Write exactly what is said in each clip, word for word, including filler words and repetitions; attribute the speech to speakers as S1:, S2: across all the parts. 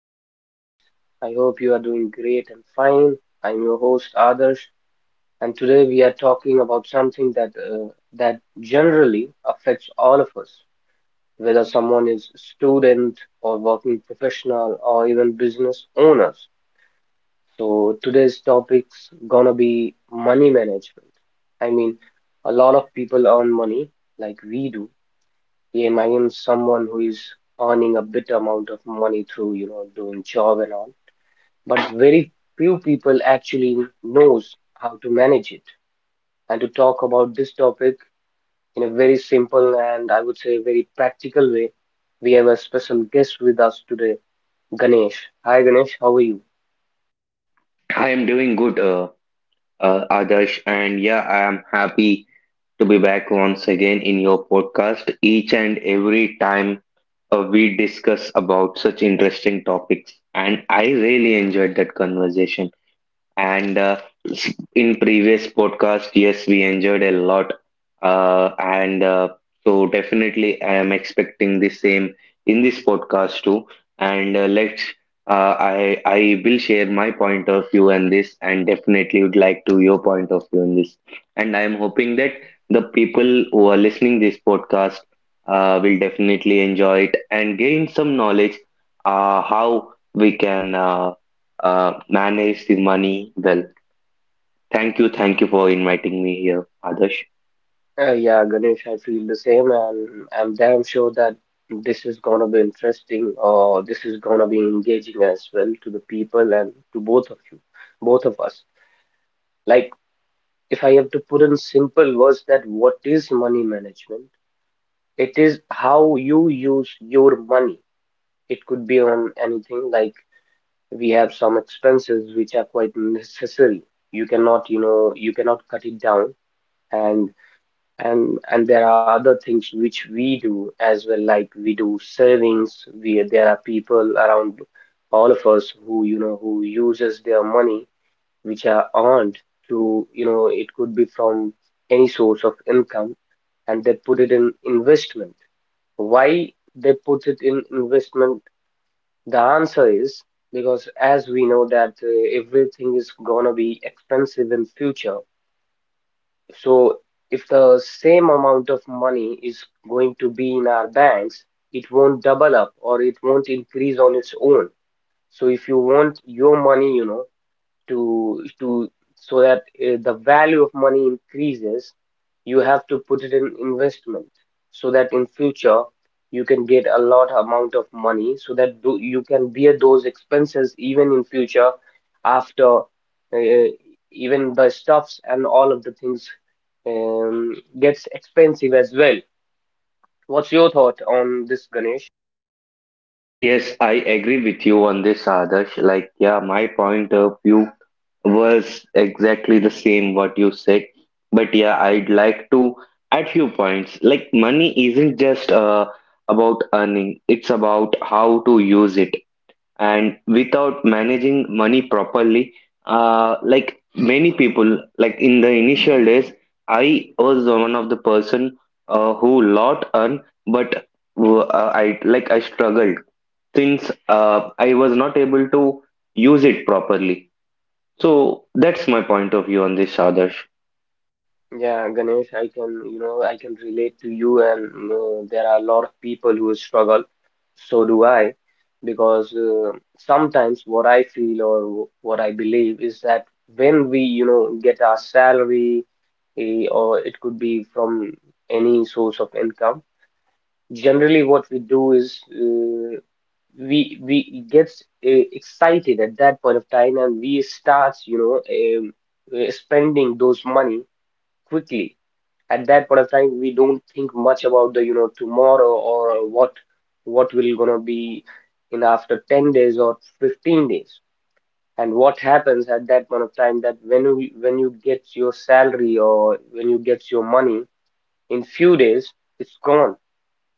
S1: podcast. I hope you are doing great and fine. I'm your host Adarsh, and today we are talking about something that uh, that generally affects all of us, whether someone is student or working professional or even business owners. So today's topic's gonna be money management. I mean, a lot of people earn money like we do, yeah, I am someone who is earning a bit amount of money through, you know, doing job and all. But very few people actually knows how to manage it. And to talk about this topic in a very simple and I would say very practical way, we have a special guest with us today, Ganesh. Hi Ganesh, how are you?
S2: I am doing good, uh, uh, Adarsh, and yeah, I am happy to be back once again in your podcast. Each and every time uh, we discuss about such interesting topics, and I really enjoyed that conversation. And uh, in previous podcast, yes, we enjoyed a lot. Uh, and uh, so definitely I am expecting the same in this podcast too. And uh, let's uh, I I will share my point of view on this and definitely would like to your point of view on this. And I am hoping that the people who are listening this podcast uh, will definitely enjoy it and gain some knowledge uh, how we can uh, uh, manage the money well. Thank you, thank you for inviting me here, Adarsh.
S1: Uh, yeah, Ganesh, I feel the same, and I'm damn sure that this is gonna be interesting or this is gonna be engaging as well to the people and to both of you, both of us. Like, if I have to put in simple words that what is money management? It is how you use your money. It could be on anything, like we have some expenses which are quite necessary. You cannot, you know, you cannot cut it down. And and and there are other things which we do as well, like we do savings. We, there are people around all of us who, you know, who uses their money which are earned to, you know, it could be from any source of income, and they put it in investment. Why they put it in investment? The answer is because as we know that uh, everything is gonna be expensive in future. So if the same amount of money is going to be in our banks, it won't double up or it won't increase on its own. So if you want your money, you know, to to so that uh, the value of money increases, you have to put it in investment so that in future you can get a lot amount of money so that do, you can bear those expenses even in future after uh, even the stuffs and all of the things um, gets expensive as well. What's your thought on this, Ganesh?
S2: Yes, I agree with you on this, Adarsh. Like, yeah, my point of view was exactly the same what you said. But yeah, I'd like to add few points. Like, money isn't just uh, about earning; it's about how to use it. And without managing money properly, uh, like many people, like in the initial days, I was one of the person uh, who lot earn, but w- uh, i like i struggled since uh, I was not able to use it properly. So that's my point of view on this, Adarsh.
S1: Yeah, Ganesh, I can, you know, I can relate to you, and uh, there are a lot of people who struggle. So do I, because uh, sometimes what I feel or what I believe is that when we, you know, get our salary, eh, or it could be from any source of income, generally what we do is uh, we we get uh, excited at that point of time, and we start, you know, um, eh, spending those money quickly. At that point of time we don't think much about the, you know, tomorrow or what what will gonna be in after ten days or fifteen days. And what happens at that point of time that when you when you get your salary or when you get your money, in few days it's gone.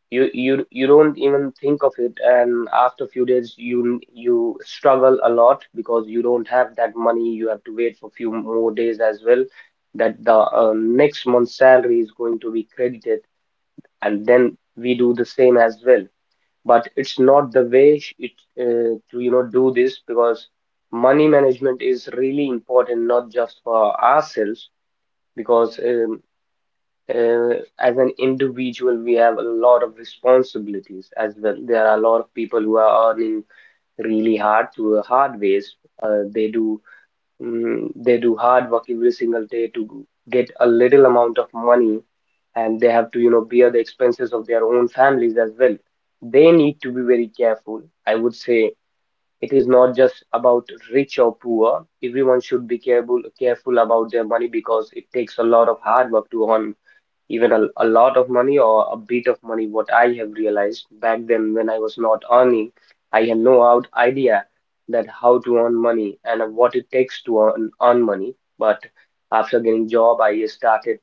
S1: You you you don't even think of it, and after a few days you you struggle a lot because you don't have that money. You have to wait for few more days as well, that the uh, next month's salary is going to be credited, and then we do the same as well. But it's not the way sh- it uh, to, you know, do this, because money management is really important, not just for ourselves, because um, uh, as an individual, we have a lot of responsibilities as well. There are a lot of people who are earning really hard through hard ways. Uh, they do mm, they do hard work every single day to get a little amount of money, and they have to, you know, bear the expenses of their own families as well. They need to be very careful. I would say it is not just about rich or poor. Everyone should be careful careful about their money, because it takes a lot of hard work to earn even a, a lot of money or a bit of money. What I have realized back then when I was not earning, I had no out idea that how to earn money and what it takes to earn, earn money. But after getting job, I started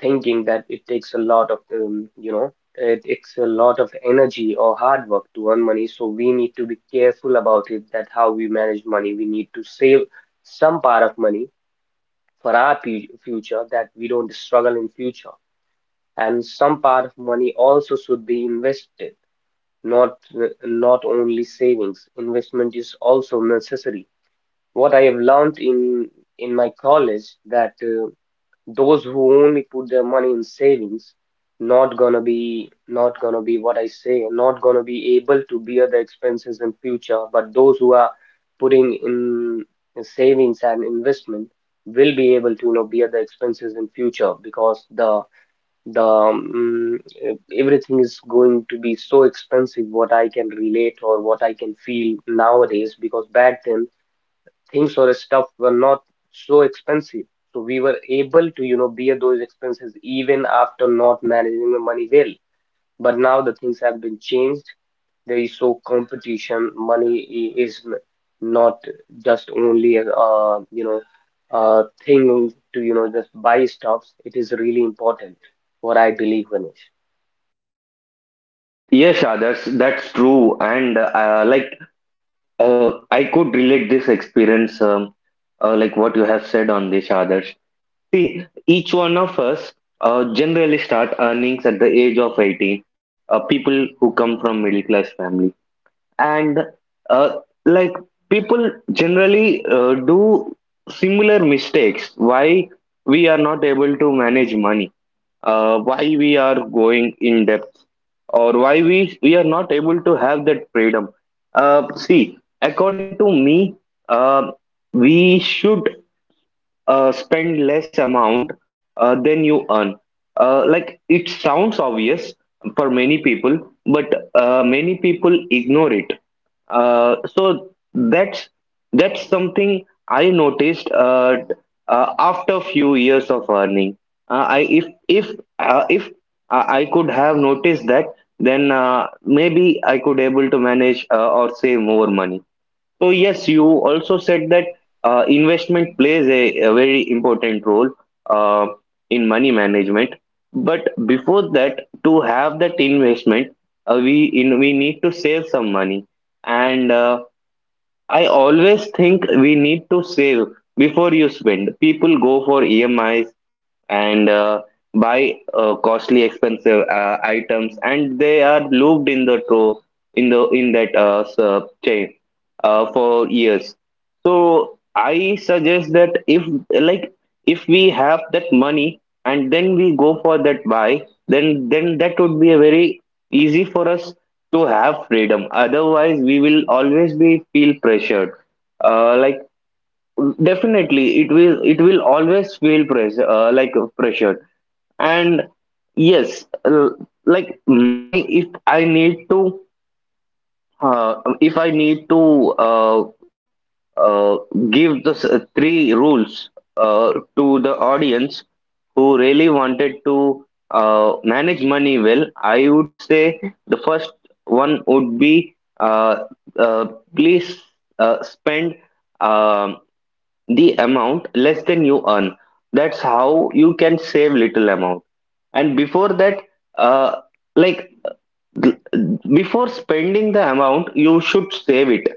S1: thinking that it takes a lot of, um, you know, it takes a lot of energy or hard work to earn money. So we need to be careful about it, that how we manage money. We need to save some part of money for our pu- future that we don't struggle in future, and some part of money also should be invested, not not only savings. Investment is also necessary. What I have learned in in my college that uh, those who only put their money in savings not gonna be not gonna be, what I say, not gonna be able to bear the expenses in future. But those who are putting in savings and investment will be able to, you know, bear the expenses in future, because the the um, e- everything is going to be so expensive, what I can relate or what I can feel nowadays, because back then things or stuff were not so expensive, so we were able to, you know, bear those expenses even after not managing the money well. But now the things have been changed. There is so competition. Money I- is n- not just only a uh, you know, uh thing to, you know, just buy stuffs. It is really important, what I believe, Ganesh.
S2: Yes, Adarsh, that's true. And uh, like uh, I could relate this experience, um, uh, like what you have said on this, Adarsh. See, each one of us uh, generally start earnings at the age of eighteen, uh, people who come from middle class family. And uh, like people generally uh, do similar mistakes, why we are not able to manage money, uh, why we are going in depth, or why we, we are not able to have that freedom. Uh, see, according to me, uh, we should uh, spend less amount uh, than you earn. Uh, like it sounds obvious for many people, but uh, many people ignore it. Uh, so that's that's something I noticed uh, uh, after few years of earning. Uh, I if if uh, if I I could have noticed that, then uh, maybe I could able to manage uh, or save more money. So yes, you also said that uh, investment plays a, a very important role uh, in money management. But before that, to have that investment, uh, we in, we need to save some money. And uh, I always think we need to save before you spend. People go for E M Is and uh, buy uh, costly expensive uh, items, and they are looped in the tro in the in that uh, s- uh, chain uh, for years. So I suggest that, if like if we have that money and then we go for that buy, then then that would be a very easy for us to have freedom. Otherwise, we will always be feel pressured, uh, like definitely it will it will always feel pressure, uh, like uh, pressured. And yes, uh, like my if I need to uh, if I need to uh, uh, give the s- three rules uh, to the audience who really wanted to uh, manage money well, I would say the first one would be, uh, uh, please, uh, spend um the amount less than you earn. That's how you can save little amount. And before that, uh like th- before spending the amount, you should save it.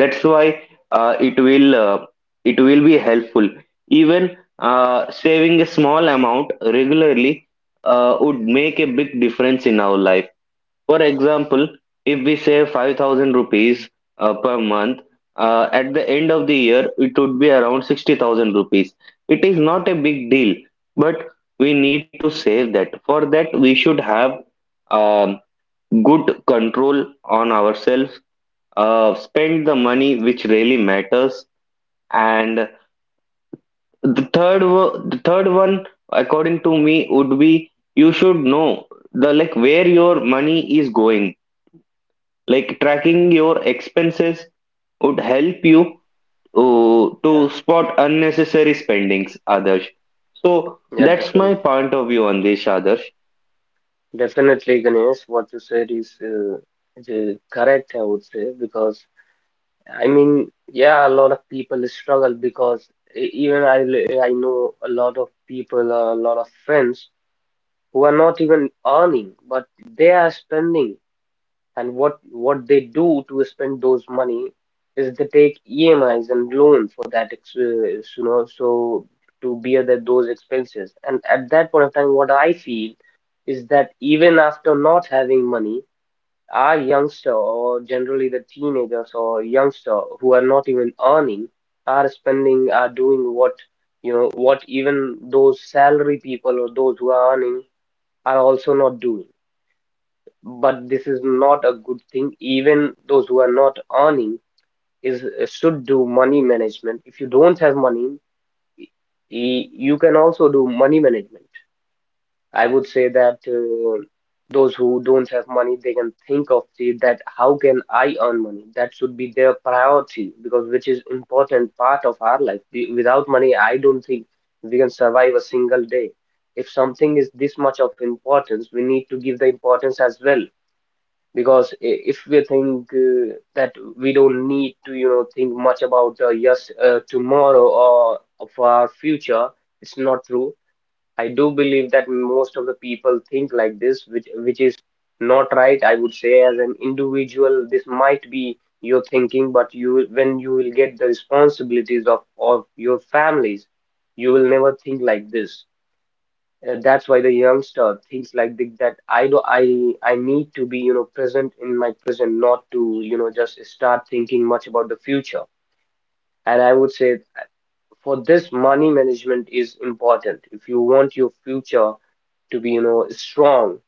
S2: That's why uh, it will uh, it will be helpful. Even uh, saving a small amount regularly uh, would make a big difference in our life. For example, if we save five thousand rupees uh, per month, uh, at the end of the year, it would be around sixty thousand rupees. It is not a big deal, but we need to save that. For that, we should have, um, good control on ourselves, uh, spend the money which really matters. And the third, wo- the third one, according to me, would be you should know, the like, where your money is going. Like, tracking your expenses would help you uh,
S1: Yeah,
S2: to spot unnecessary spendings, Others. So
S1: yeah,
S2: that's
S1: definitely.
S2: my point of view on this, Others.
S1: Definitely, Ganesh, what you said is uh, is correct, I would say, because I mean, yeah, a lot of people struggle because e- even I, l- I know a lot of people, uh, a lot of friends who are not even earning, but they are spending. And what what they do to spend those money is they take E M Is and loan for that, ex- uh, you know, so to bear that those expenses. And at that point of time, what I feel is that even after not having money, our youngster or generally the teenagers or youngster who are not even earning are spending, are doing what, you know, what even those salary people or those who are earning are also not doing. But this is not a good thing. Even those who are not earning is should do money management. If you don't have money, y- you can also do money management. I would say that uh, those who don't have money, they can think of the, that how can I earn money. That should be their priority, because which is important part of our life. Wi- without money I don't think we can survive a single day. If something is this much of importance, we need to give the importance as well, because i- if we think uh, that we don't need to, you know, think much about uh, yes, uh, tomorrow or of our future, it's not true. I do believe that most of the people think like this, which which is not right, I would say. As an individual this might be your thinking, but you will- when you will get the responsibilities of of your families, you will never think like this. Uh, that's why the youngster thinks like th- that I do, I I need to be, you know, present in my present, not to, you know, just start thinking much about the future. And I would say, for this money management is important. If you want your future to be, you know, strong,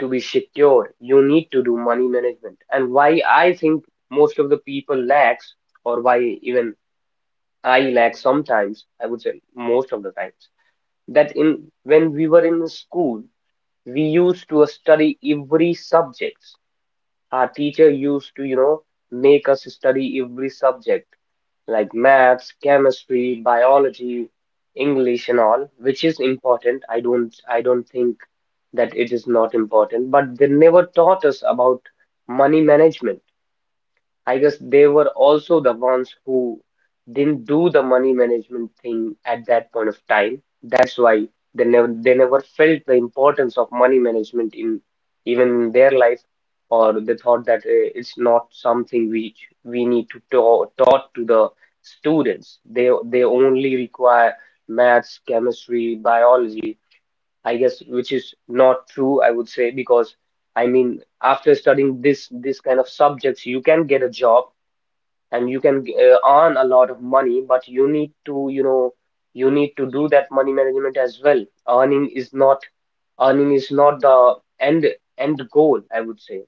S1: to be secure, you need to do money management. And why I think most of the people lacks, or why even I lack sometimes, I would say most of the times, that in when we were in school, we used to study every subject. Our teacher used to, you know, make us study every subject like maths, chemistry, biology, English and all, which is important. I don't I don't think that it is not important, but they never taught us about money management. I guess they were also the ones who didn't do the money management thing at that point of time. That's why they never they never felt the importance of money management in even in their life, or they thought that uh, it's not something which we need to ta taught to the students. They they only require maths, chemistry, biology. I guess which is not true, I would say, because I mean, after studying this this kind of subjects, you can get a job and you can uh, earn a lot of money, but you need to, you know, you need to do that money management as well. Earning is not earning is not the end end goal, I would say.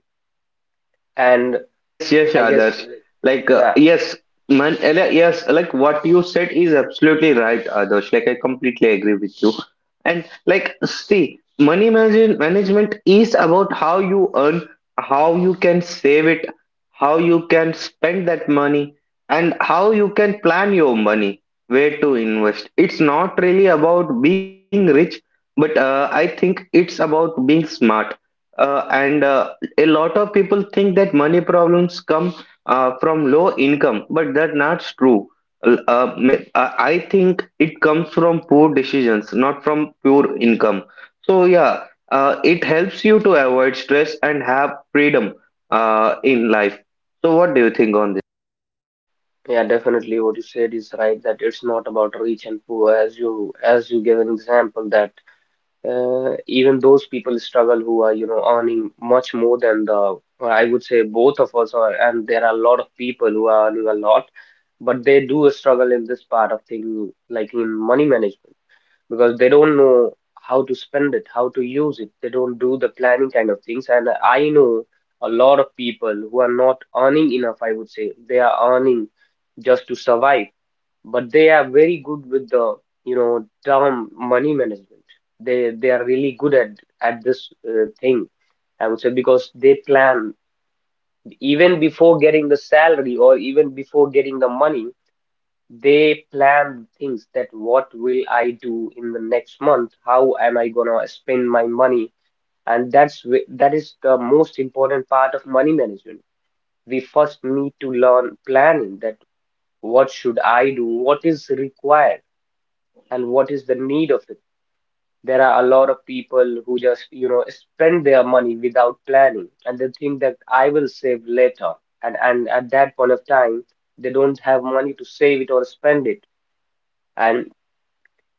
S1: And
S2: Yes, yes,
S1: I guess,
S2: Adarsh.
S1: uh,
S2: Like, uh,
S1: yeah,
S2: yes, man, ele- yes, like what you said is absolutely right, Adarsh. Like, I completely agree with you. And, like, see, money manage- management is about how you earn, how you can save it, how you can spend that money, and how you can plan your money, where to invest. It's not really about being rich, but uh, I think it's about being smart. Uh, and uh, a lot of people think that money problems come uh, from low income, but that's not true. L- Uh, ma- I I think it comes from poor decisions, not from pure income. So yeah, uh, it helps you to avoid stress and have freedom uh, in life. So what do you think on this?
S1: yeah, definitely what you said is right that it's not about rich and poor, as you as you gave an example that uh, even those people struggle who are you know earning much more than the I would say both of us are, and there are a lot of people who are earning a lot, but they do struggle in this part of thing, like in money management, because they don't know how to spend it, how to use it. They don't do the planning kind of things. And I know a lot of people who are not earning enough, I would say they are earning just to survive, but they are very good with the you know term money management. They they are really good at at this uh, thing, I would say, because they plan even before getting the salary or even before getting the money. They plan things that what will I do in the next month, how am I gonna spend my money. And that's wh- that is the most important part of money management. We first need to learn planning that what should I do, what is required, and what is the need of it. There are a lot of people who just, you know, spend their money without planning and they think that I will save later. And and at that point of time, they don't have money to save it or spend it. And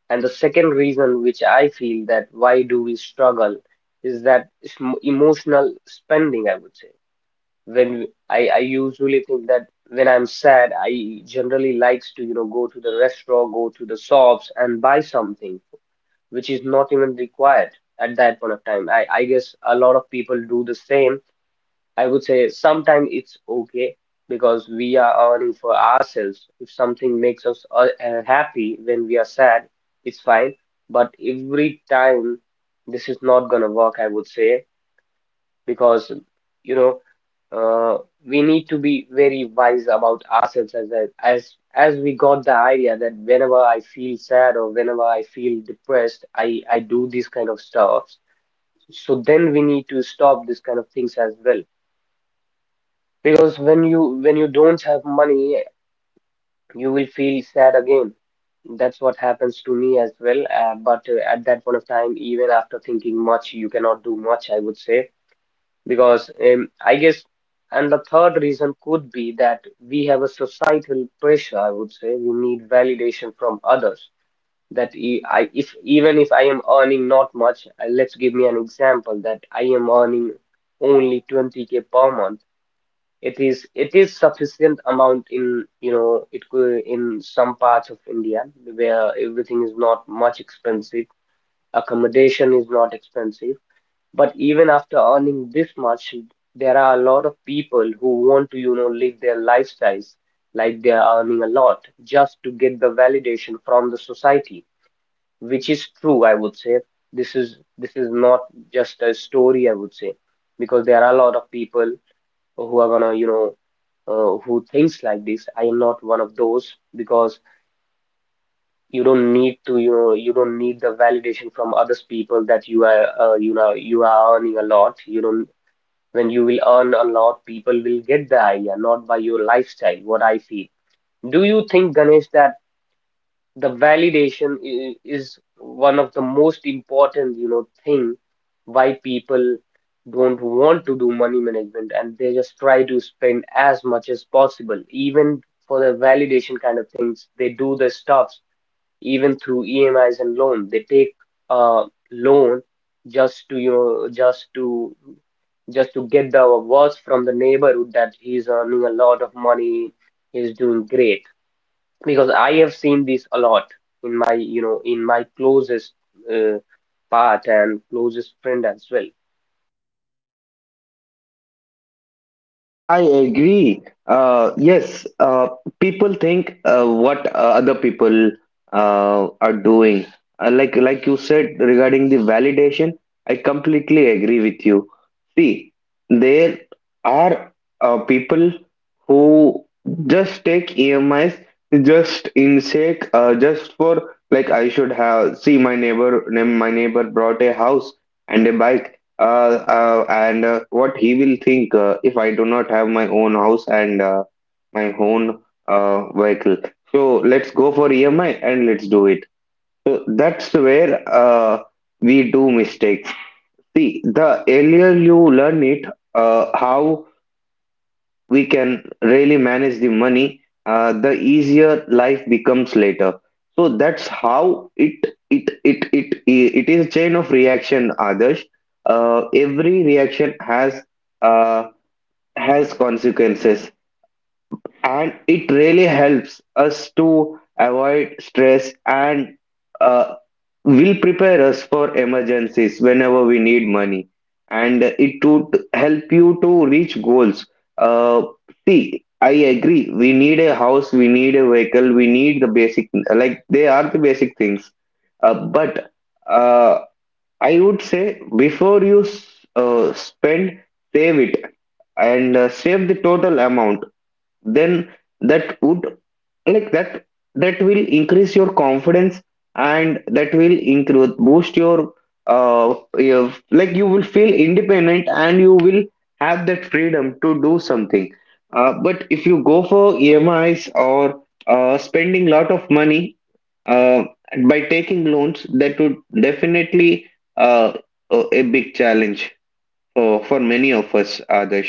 S1: and the second reason which I feel that why do we struggle is that it's m- emotional spending, I would say. When I, I usually think that when I'm sad, I generally likes to, you know, go to the restaurant, go to the shops, and buy something which is not even required at that point of time. I, I guess a lot of people do the same. I would say sometimes it's okay because we are earning for ourselves. If something makes us uh, uh, happy when we are sad, it's fine. But every time, this is not gonna work, I would say, because you know uh, we need to be very wise about ourselves, as a, as as we got the idea that whenever I feel sad or whenever I feel depressed, I I do these kind of stuff. So then we need to stop this kind of things as well, because when you when you don't have money, you will feel sad again. That's what happens to me as well. Uh, but uh, at that point of time, even after thinking much, you cannot do much, I would say, because um, I guess, and the third reason could be that we have a societal pressure, I would say. We need validation from others. That e- I, if even if I am earning not much, uh, let's give me an example that I am earning only twenty k per month. It is it is sufficient amount, in you know it could, in some parts of India where everything is not much expensive, accommodation is not expensive, but even after earning this much, there are a lot of people who want to, you know, live their lifestyles like they are earning a lot, just to get the validation from the society, which is true, I would say. This is this is not just a story, I would say, because there are a lot of people who are gonna, you know, uh, who thinks like this. I am not one of those because you don't need to, you know, you don't need the validation from others people that you are, uh, you know, you are earning a lot. You don't, when you will earn a lot, people will get the idea, not by your lifestyle, what I feel. Do you think, Ganesh, that the validation i- is one of the most important, you know, thing why people don't want to do money management and they just try to spend as much as possible, even for the validation kind of things, they do the stuff, even through E M Is and loan. They take a loan just to you know, just to just to get the words from the neighborhood that he's earning a lot of money, he's doing great. Because I have seen this a lot in my, you know in my closest uh, part and closest friend as well.
S2: I agree. Uh, yes, uh, people think uh, what uh, other people uh, are doing. Uh, like like you said regarding the validation, I completely agree with you. See, there are uh, people who just take E M Is just in sake, uh, just for, like, I should have see my neighbor, my neighbor brought a house and a bike, uh, uh, and uh, what he will think uh, if I do not have my own house and uh, my own uh, vehicle. So let's go for E M I and let's do it. So that's where uh, we do mistakes. See, the earlier you learn it, uh, how we can really manage the money, uh, the easier life becomes later. So that's how it it it it it is a chain of reaction, Others. Uh, every reaction has, uh, has consequences, and it really helps us to avoid stress and uh, will prepare us for emergencies whenever we need money, and it would help you to reach goals. uh, See, I agree, we need a house, we need a vehicle, we need the basic, like they are the basic things. Uh, but uh, I would say, before you s- uh, spend, save it. And uh, save the total amount, then that would like that that will increase your confidence, and that will increase boost your uh your, like, you will feel independent, and you will have that freedom to do something. Uh, but if you go for emis or uh, spending lot of money uh, by taking loans, that would definitely uh, a a big challenge for for many of us, Others.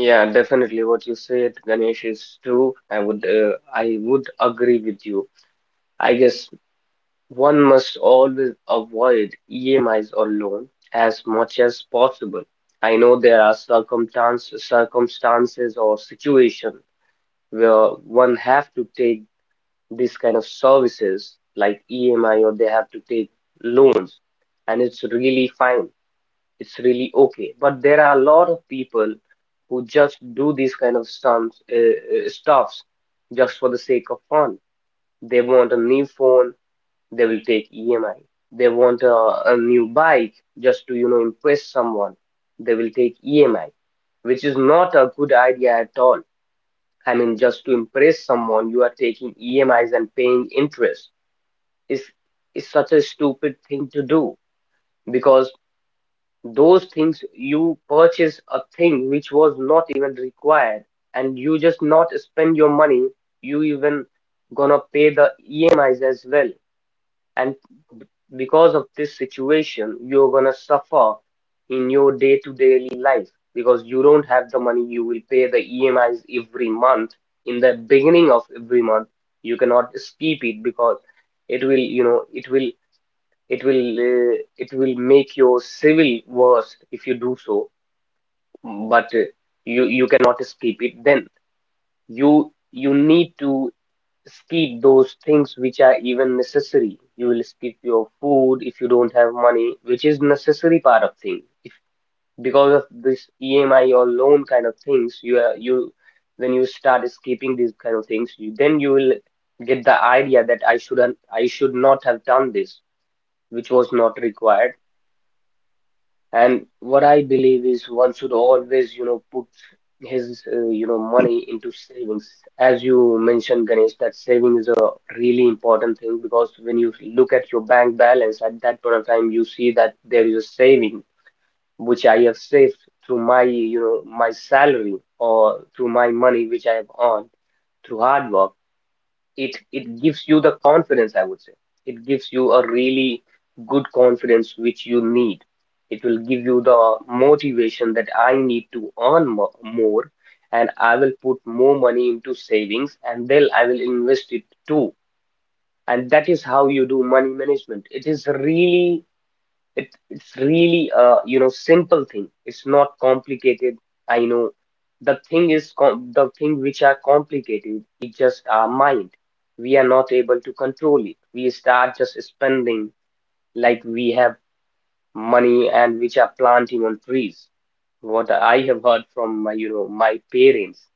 S1: Yeah, definitely what you said, Ganesh, is true. I would uh, I would agree with you. I guess one must always avoid E M Is or loan as much as possible. I know there are circumstance, circumstances or situation where one have to take this kind of services like E M I, or they have to take loans, and it's really fine. It's really okay. But there are a lot of people who just do these kind of sums, uh, uh, stuffs just for the sake of fun. They want a new phone, they will take E M I. They want a, a new bike, just to, you know, impress someone. They will take E M I, which is not a good idea at all. I mean, just to impress someone, you are taking E M Is and paying interest. It's, it's such a stupid thing to do, because those things, you purchase a thing which was not even required, and you just not spend your money, you even gonna pay the E M Is as well, and b- because of this situation you're gonna suffer in your day-to-day life, because you don't have the money, you will pay the E M Is every month, in the beginning of every month. You cannot skip it because it will you know it will it will uh, it will make your civil worse if you do so. But uh, you you cannot skip it, then you you need to skip those things which are even necessary. You will skip your food if you don't have money, which is necessary part of thing. If because of this E M I or loan kind of things, you are you when you start skipping these kind of things, you, then you will get the idea that I shouldn't I should not have done this, which was not required. And what I believe is one should always, you know, put his, uh, you know, money into savings. As you mentioned, Ganesh, that saving is a really important thing, because when you look at your bank balance at that point of time, you see that there is a saving which I have saved through my, you know, my salary, or through my money which I have earned through hard work. It it gives you the confidence, I would say. It gives you a really good confidence which you need. It will give you the motivation that I need to earn mo- more, and I will put more money into savings, and then I will invest it too, and that is how you do money management. It is really, it, it's really a, you know simple thing. It's not complicated. I know the thing is com the thing which are complicated, it's just our mind. We are not able to control it. We start just spending like we have money and which are planting on trees. What I have heard from my, you know my parents,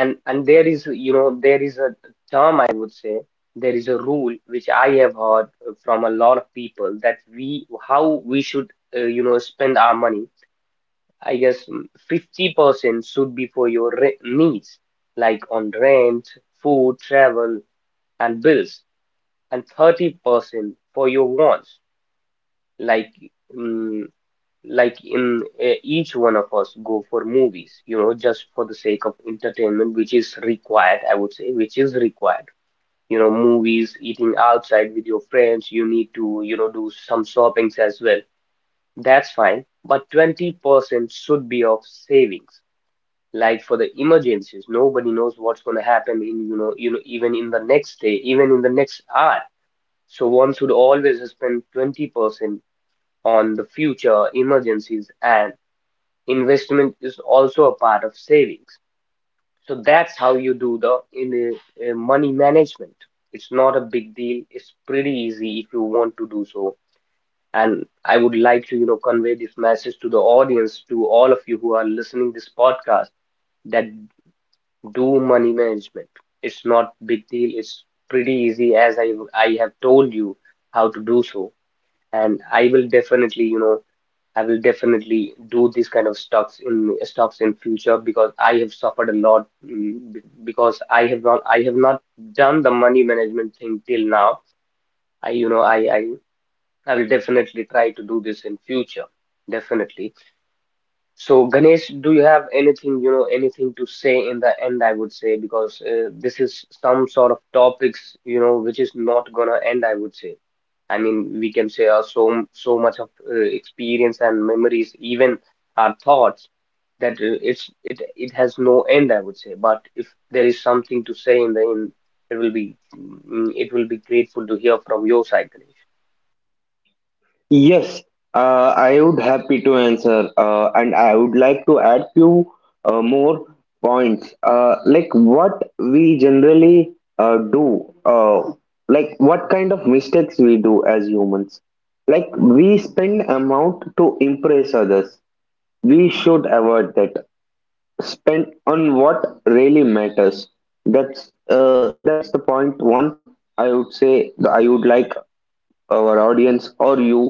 S1: and and there is, you know there is a term I would say, there is a rule which I have heard from a lot of people, that we how we should, uh, you know spend our money, i guess mm, fifty percent should be for your re- needs, like on rent, food, travel, and bills, and thirty percent for your wants, like mm, like in uh, each one of us go for movies, you know just for the sake of entertainment, which is required, I would say, which is required. you know movies, eating outside with your friends, you need to, you know do some shoppings as well. That's fine. But twenty percent should be of savings, like for the emergencies. Nobody knows what's going to happen in, you know you know even in the next day, even in the next hour. So one should always spend twenty percent on the future emergencies, and investment is also a part of savings. So that's how you do the in uh, uh, money management. It's not a big deal. It's pretty easy if you want to do so. And I would like to, you know, convey this message to the audience, to all of you who are listening this podcast, that do money management. It's not big deal. It's pretty easy, as I I have told you how to do so. And I will definitely, you know I will definitely do this kind of stocks in stocks in future, because I have suffered a lot, mm, be- because I have not I have not done the money management thing till now. I you know I I I will definitely try to do this in future. Definitely. So, Ganesh, do you have anything, you know, anything to say in the end, I would say, because uh, this is some sort of topics, you know, which is not gonna end, I would say. I mean, we can say uh, so so much of uh, experience and memories, even our thoughts, that uh, it's it it has no end, I would say. But if there is something to say in the end, it will be, mm, it will be grateful to hear from your side, Ganesh.
S2: Yes, uh, I would happy to answer, uh, and I would like to add few uh, more points. Uh, like what we generally uh, do, uh, like what kind of mistakes we do as humans. Like, we spend amount to impress others. We should avoid that. Spend on what really matters. That's uh, that's the point one. I would say, I would like our audience or you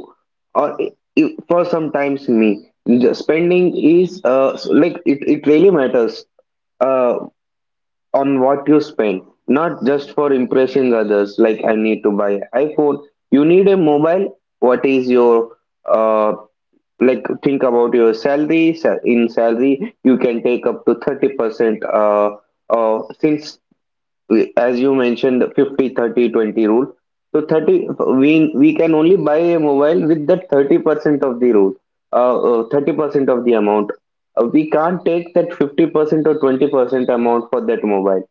S2: or i- i- for sometimes me, the spending is, uh, s- like, it, it really matters uh, on what you spend, not just for impressing others. Like, I need to buy iPhone, you need a mobile. What is your uh, like, think about your salary. Sa- in salary, you can take up to thirty percent uh, uh, since, we- as you mentioned, the 50 30 twenty rule. So thirty, we we can only buy a mobile with that thirty percent of the rule, uh, uh, thirty percent of the amount. Uh, we can't take that fifty percent or twenty percent amount for that mobile.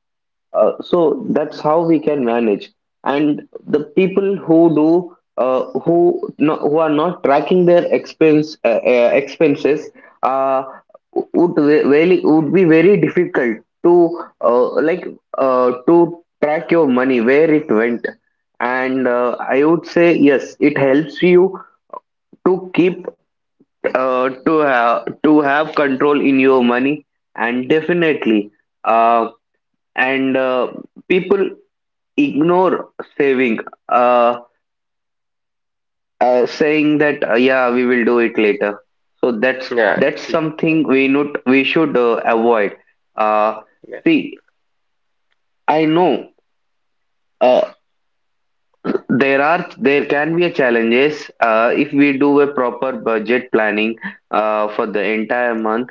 S2: uh, So that's how we can manage. And the people who, do uh, who no, who are not tracking their, expense uh, uh, expenses, uh, would re- really would be very difficult to, uh, like uh, to track your money, where it went. And uh, I would say, yes, it helps you to keep, uh, to have to have control in your money. And definitely, uh, and uh, people ignore saving, uh, uh saying that, uh, yeah, we will do it later. So that's
S1: Yeah,
S2: that's something we, not, we should uh, avoid. uh
S1: yeah,
S2: See, I know, uh, there are there can be a challenges, uh, if we do a proper budget planning uh, for the entire month.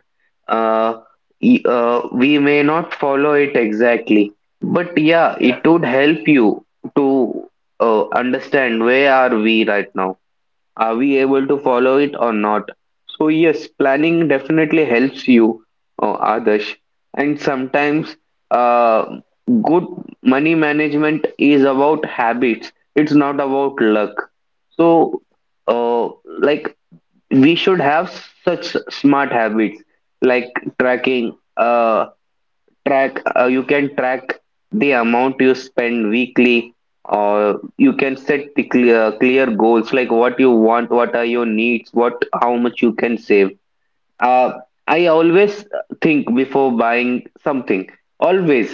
S2: uh, y- uh, we may not follow it exactly, but yeah,
S1: yeah,
S2: it would help you to uh, understand where are we right now. Are we able to follow it or not? So, yes, planning definitely helps you, uh, Adarsh. And sometimes, uh, good money management is about habits, it's not about luck. So, uh, like, we should have such smart habits, like tracking. Uh, track uh, You can track the amount you spend weekly, or you can set the clear, uh, clear goals, like what you want, what are your needs, what, how much you can save. uh, I always think before buying something, always.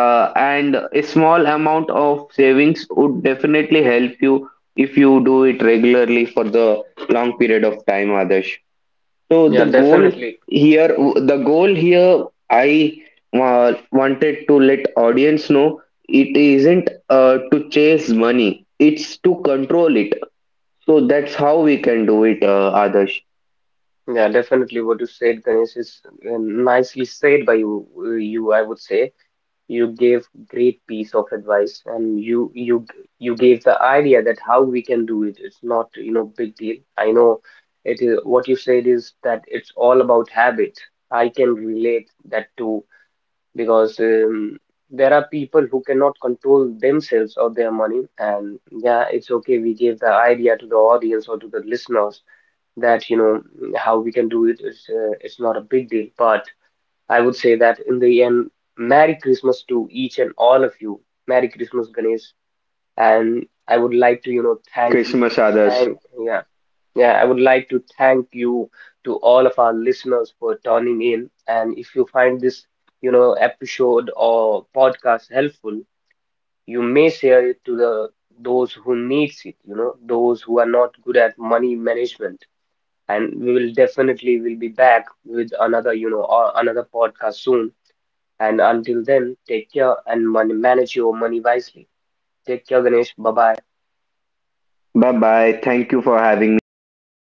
S2: uh, And a small amount of savings would definitely help you if you do it regularly for the long period of time, Adesh. So the
S1: yeah,
S2: goal
S1: definitely.
S2: here, the goal here, I uh, wanted to let audience know, it isn't uh, to chase money; it's to control it. So that's how we can do it, uh, Adarsh.
S1: Yeah, definitely what you said, Ganesh, is uh, nicely said by you. uh, You, I would say, you gave great piece of advice, and you you you gave the idea that how we can do it. It's not, you know, big deal. I know it is what you said is that it's all about habit. I can relate that too because um, there are people who cannot control themselves or their money, and yeah, it's okay. We gave the idea to the audience or to the listeners that, you know mm, how we can do it is, uh, it's not a big deal. But I would say that in the end, merry Christmas to each and all of you. Merry Christmas, Ganesh. And I would like to, you know
S2: Merry
S1: thank you.
S2: Christmas, Adarsh.
S1: Thank yeah yeah I would like to thank you, to all of our listeners, for tuning in. And if you find this, you know episode or podcast helpful, you may share it to the those who needs it, you know those who are not good at money management. And we will definitely will be back with another, you know or another podcast soon. And until then, take care, and money manage your money wisely. Take care, Ganesh. Bye bye.
S2: Bye bye. Thank you for having me here, Adarsh.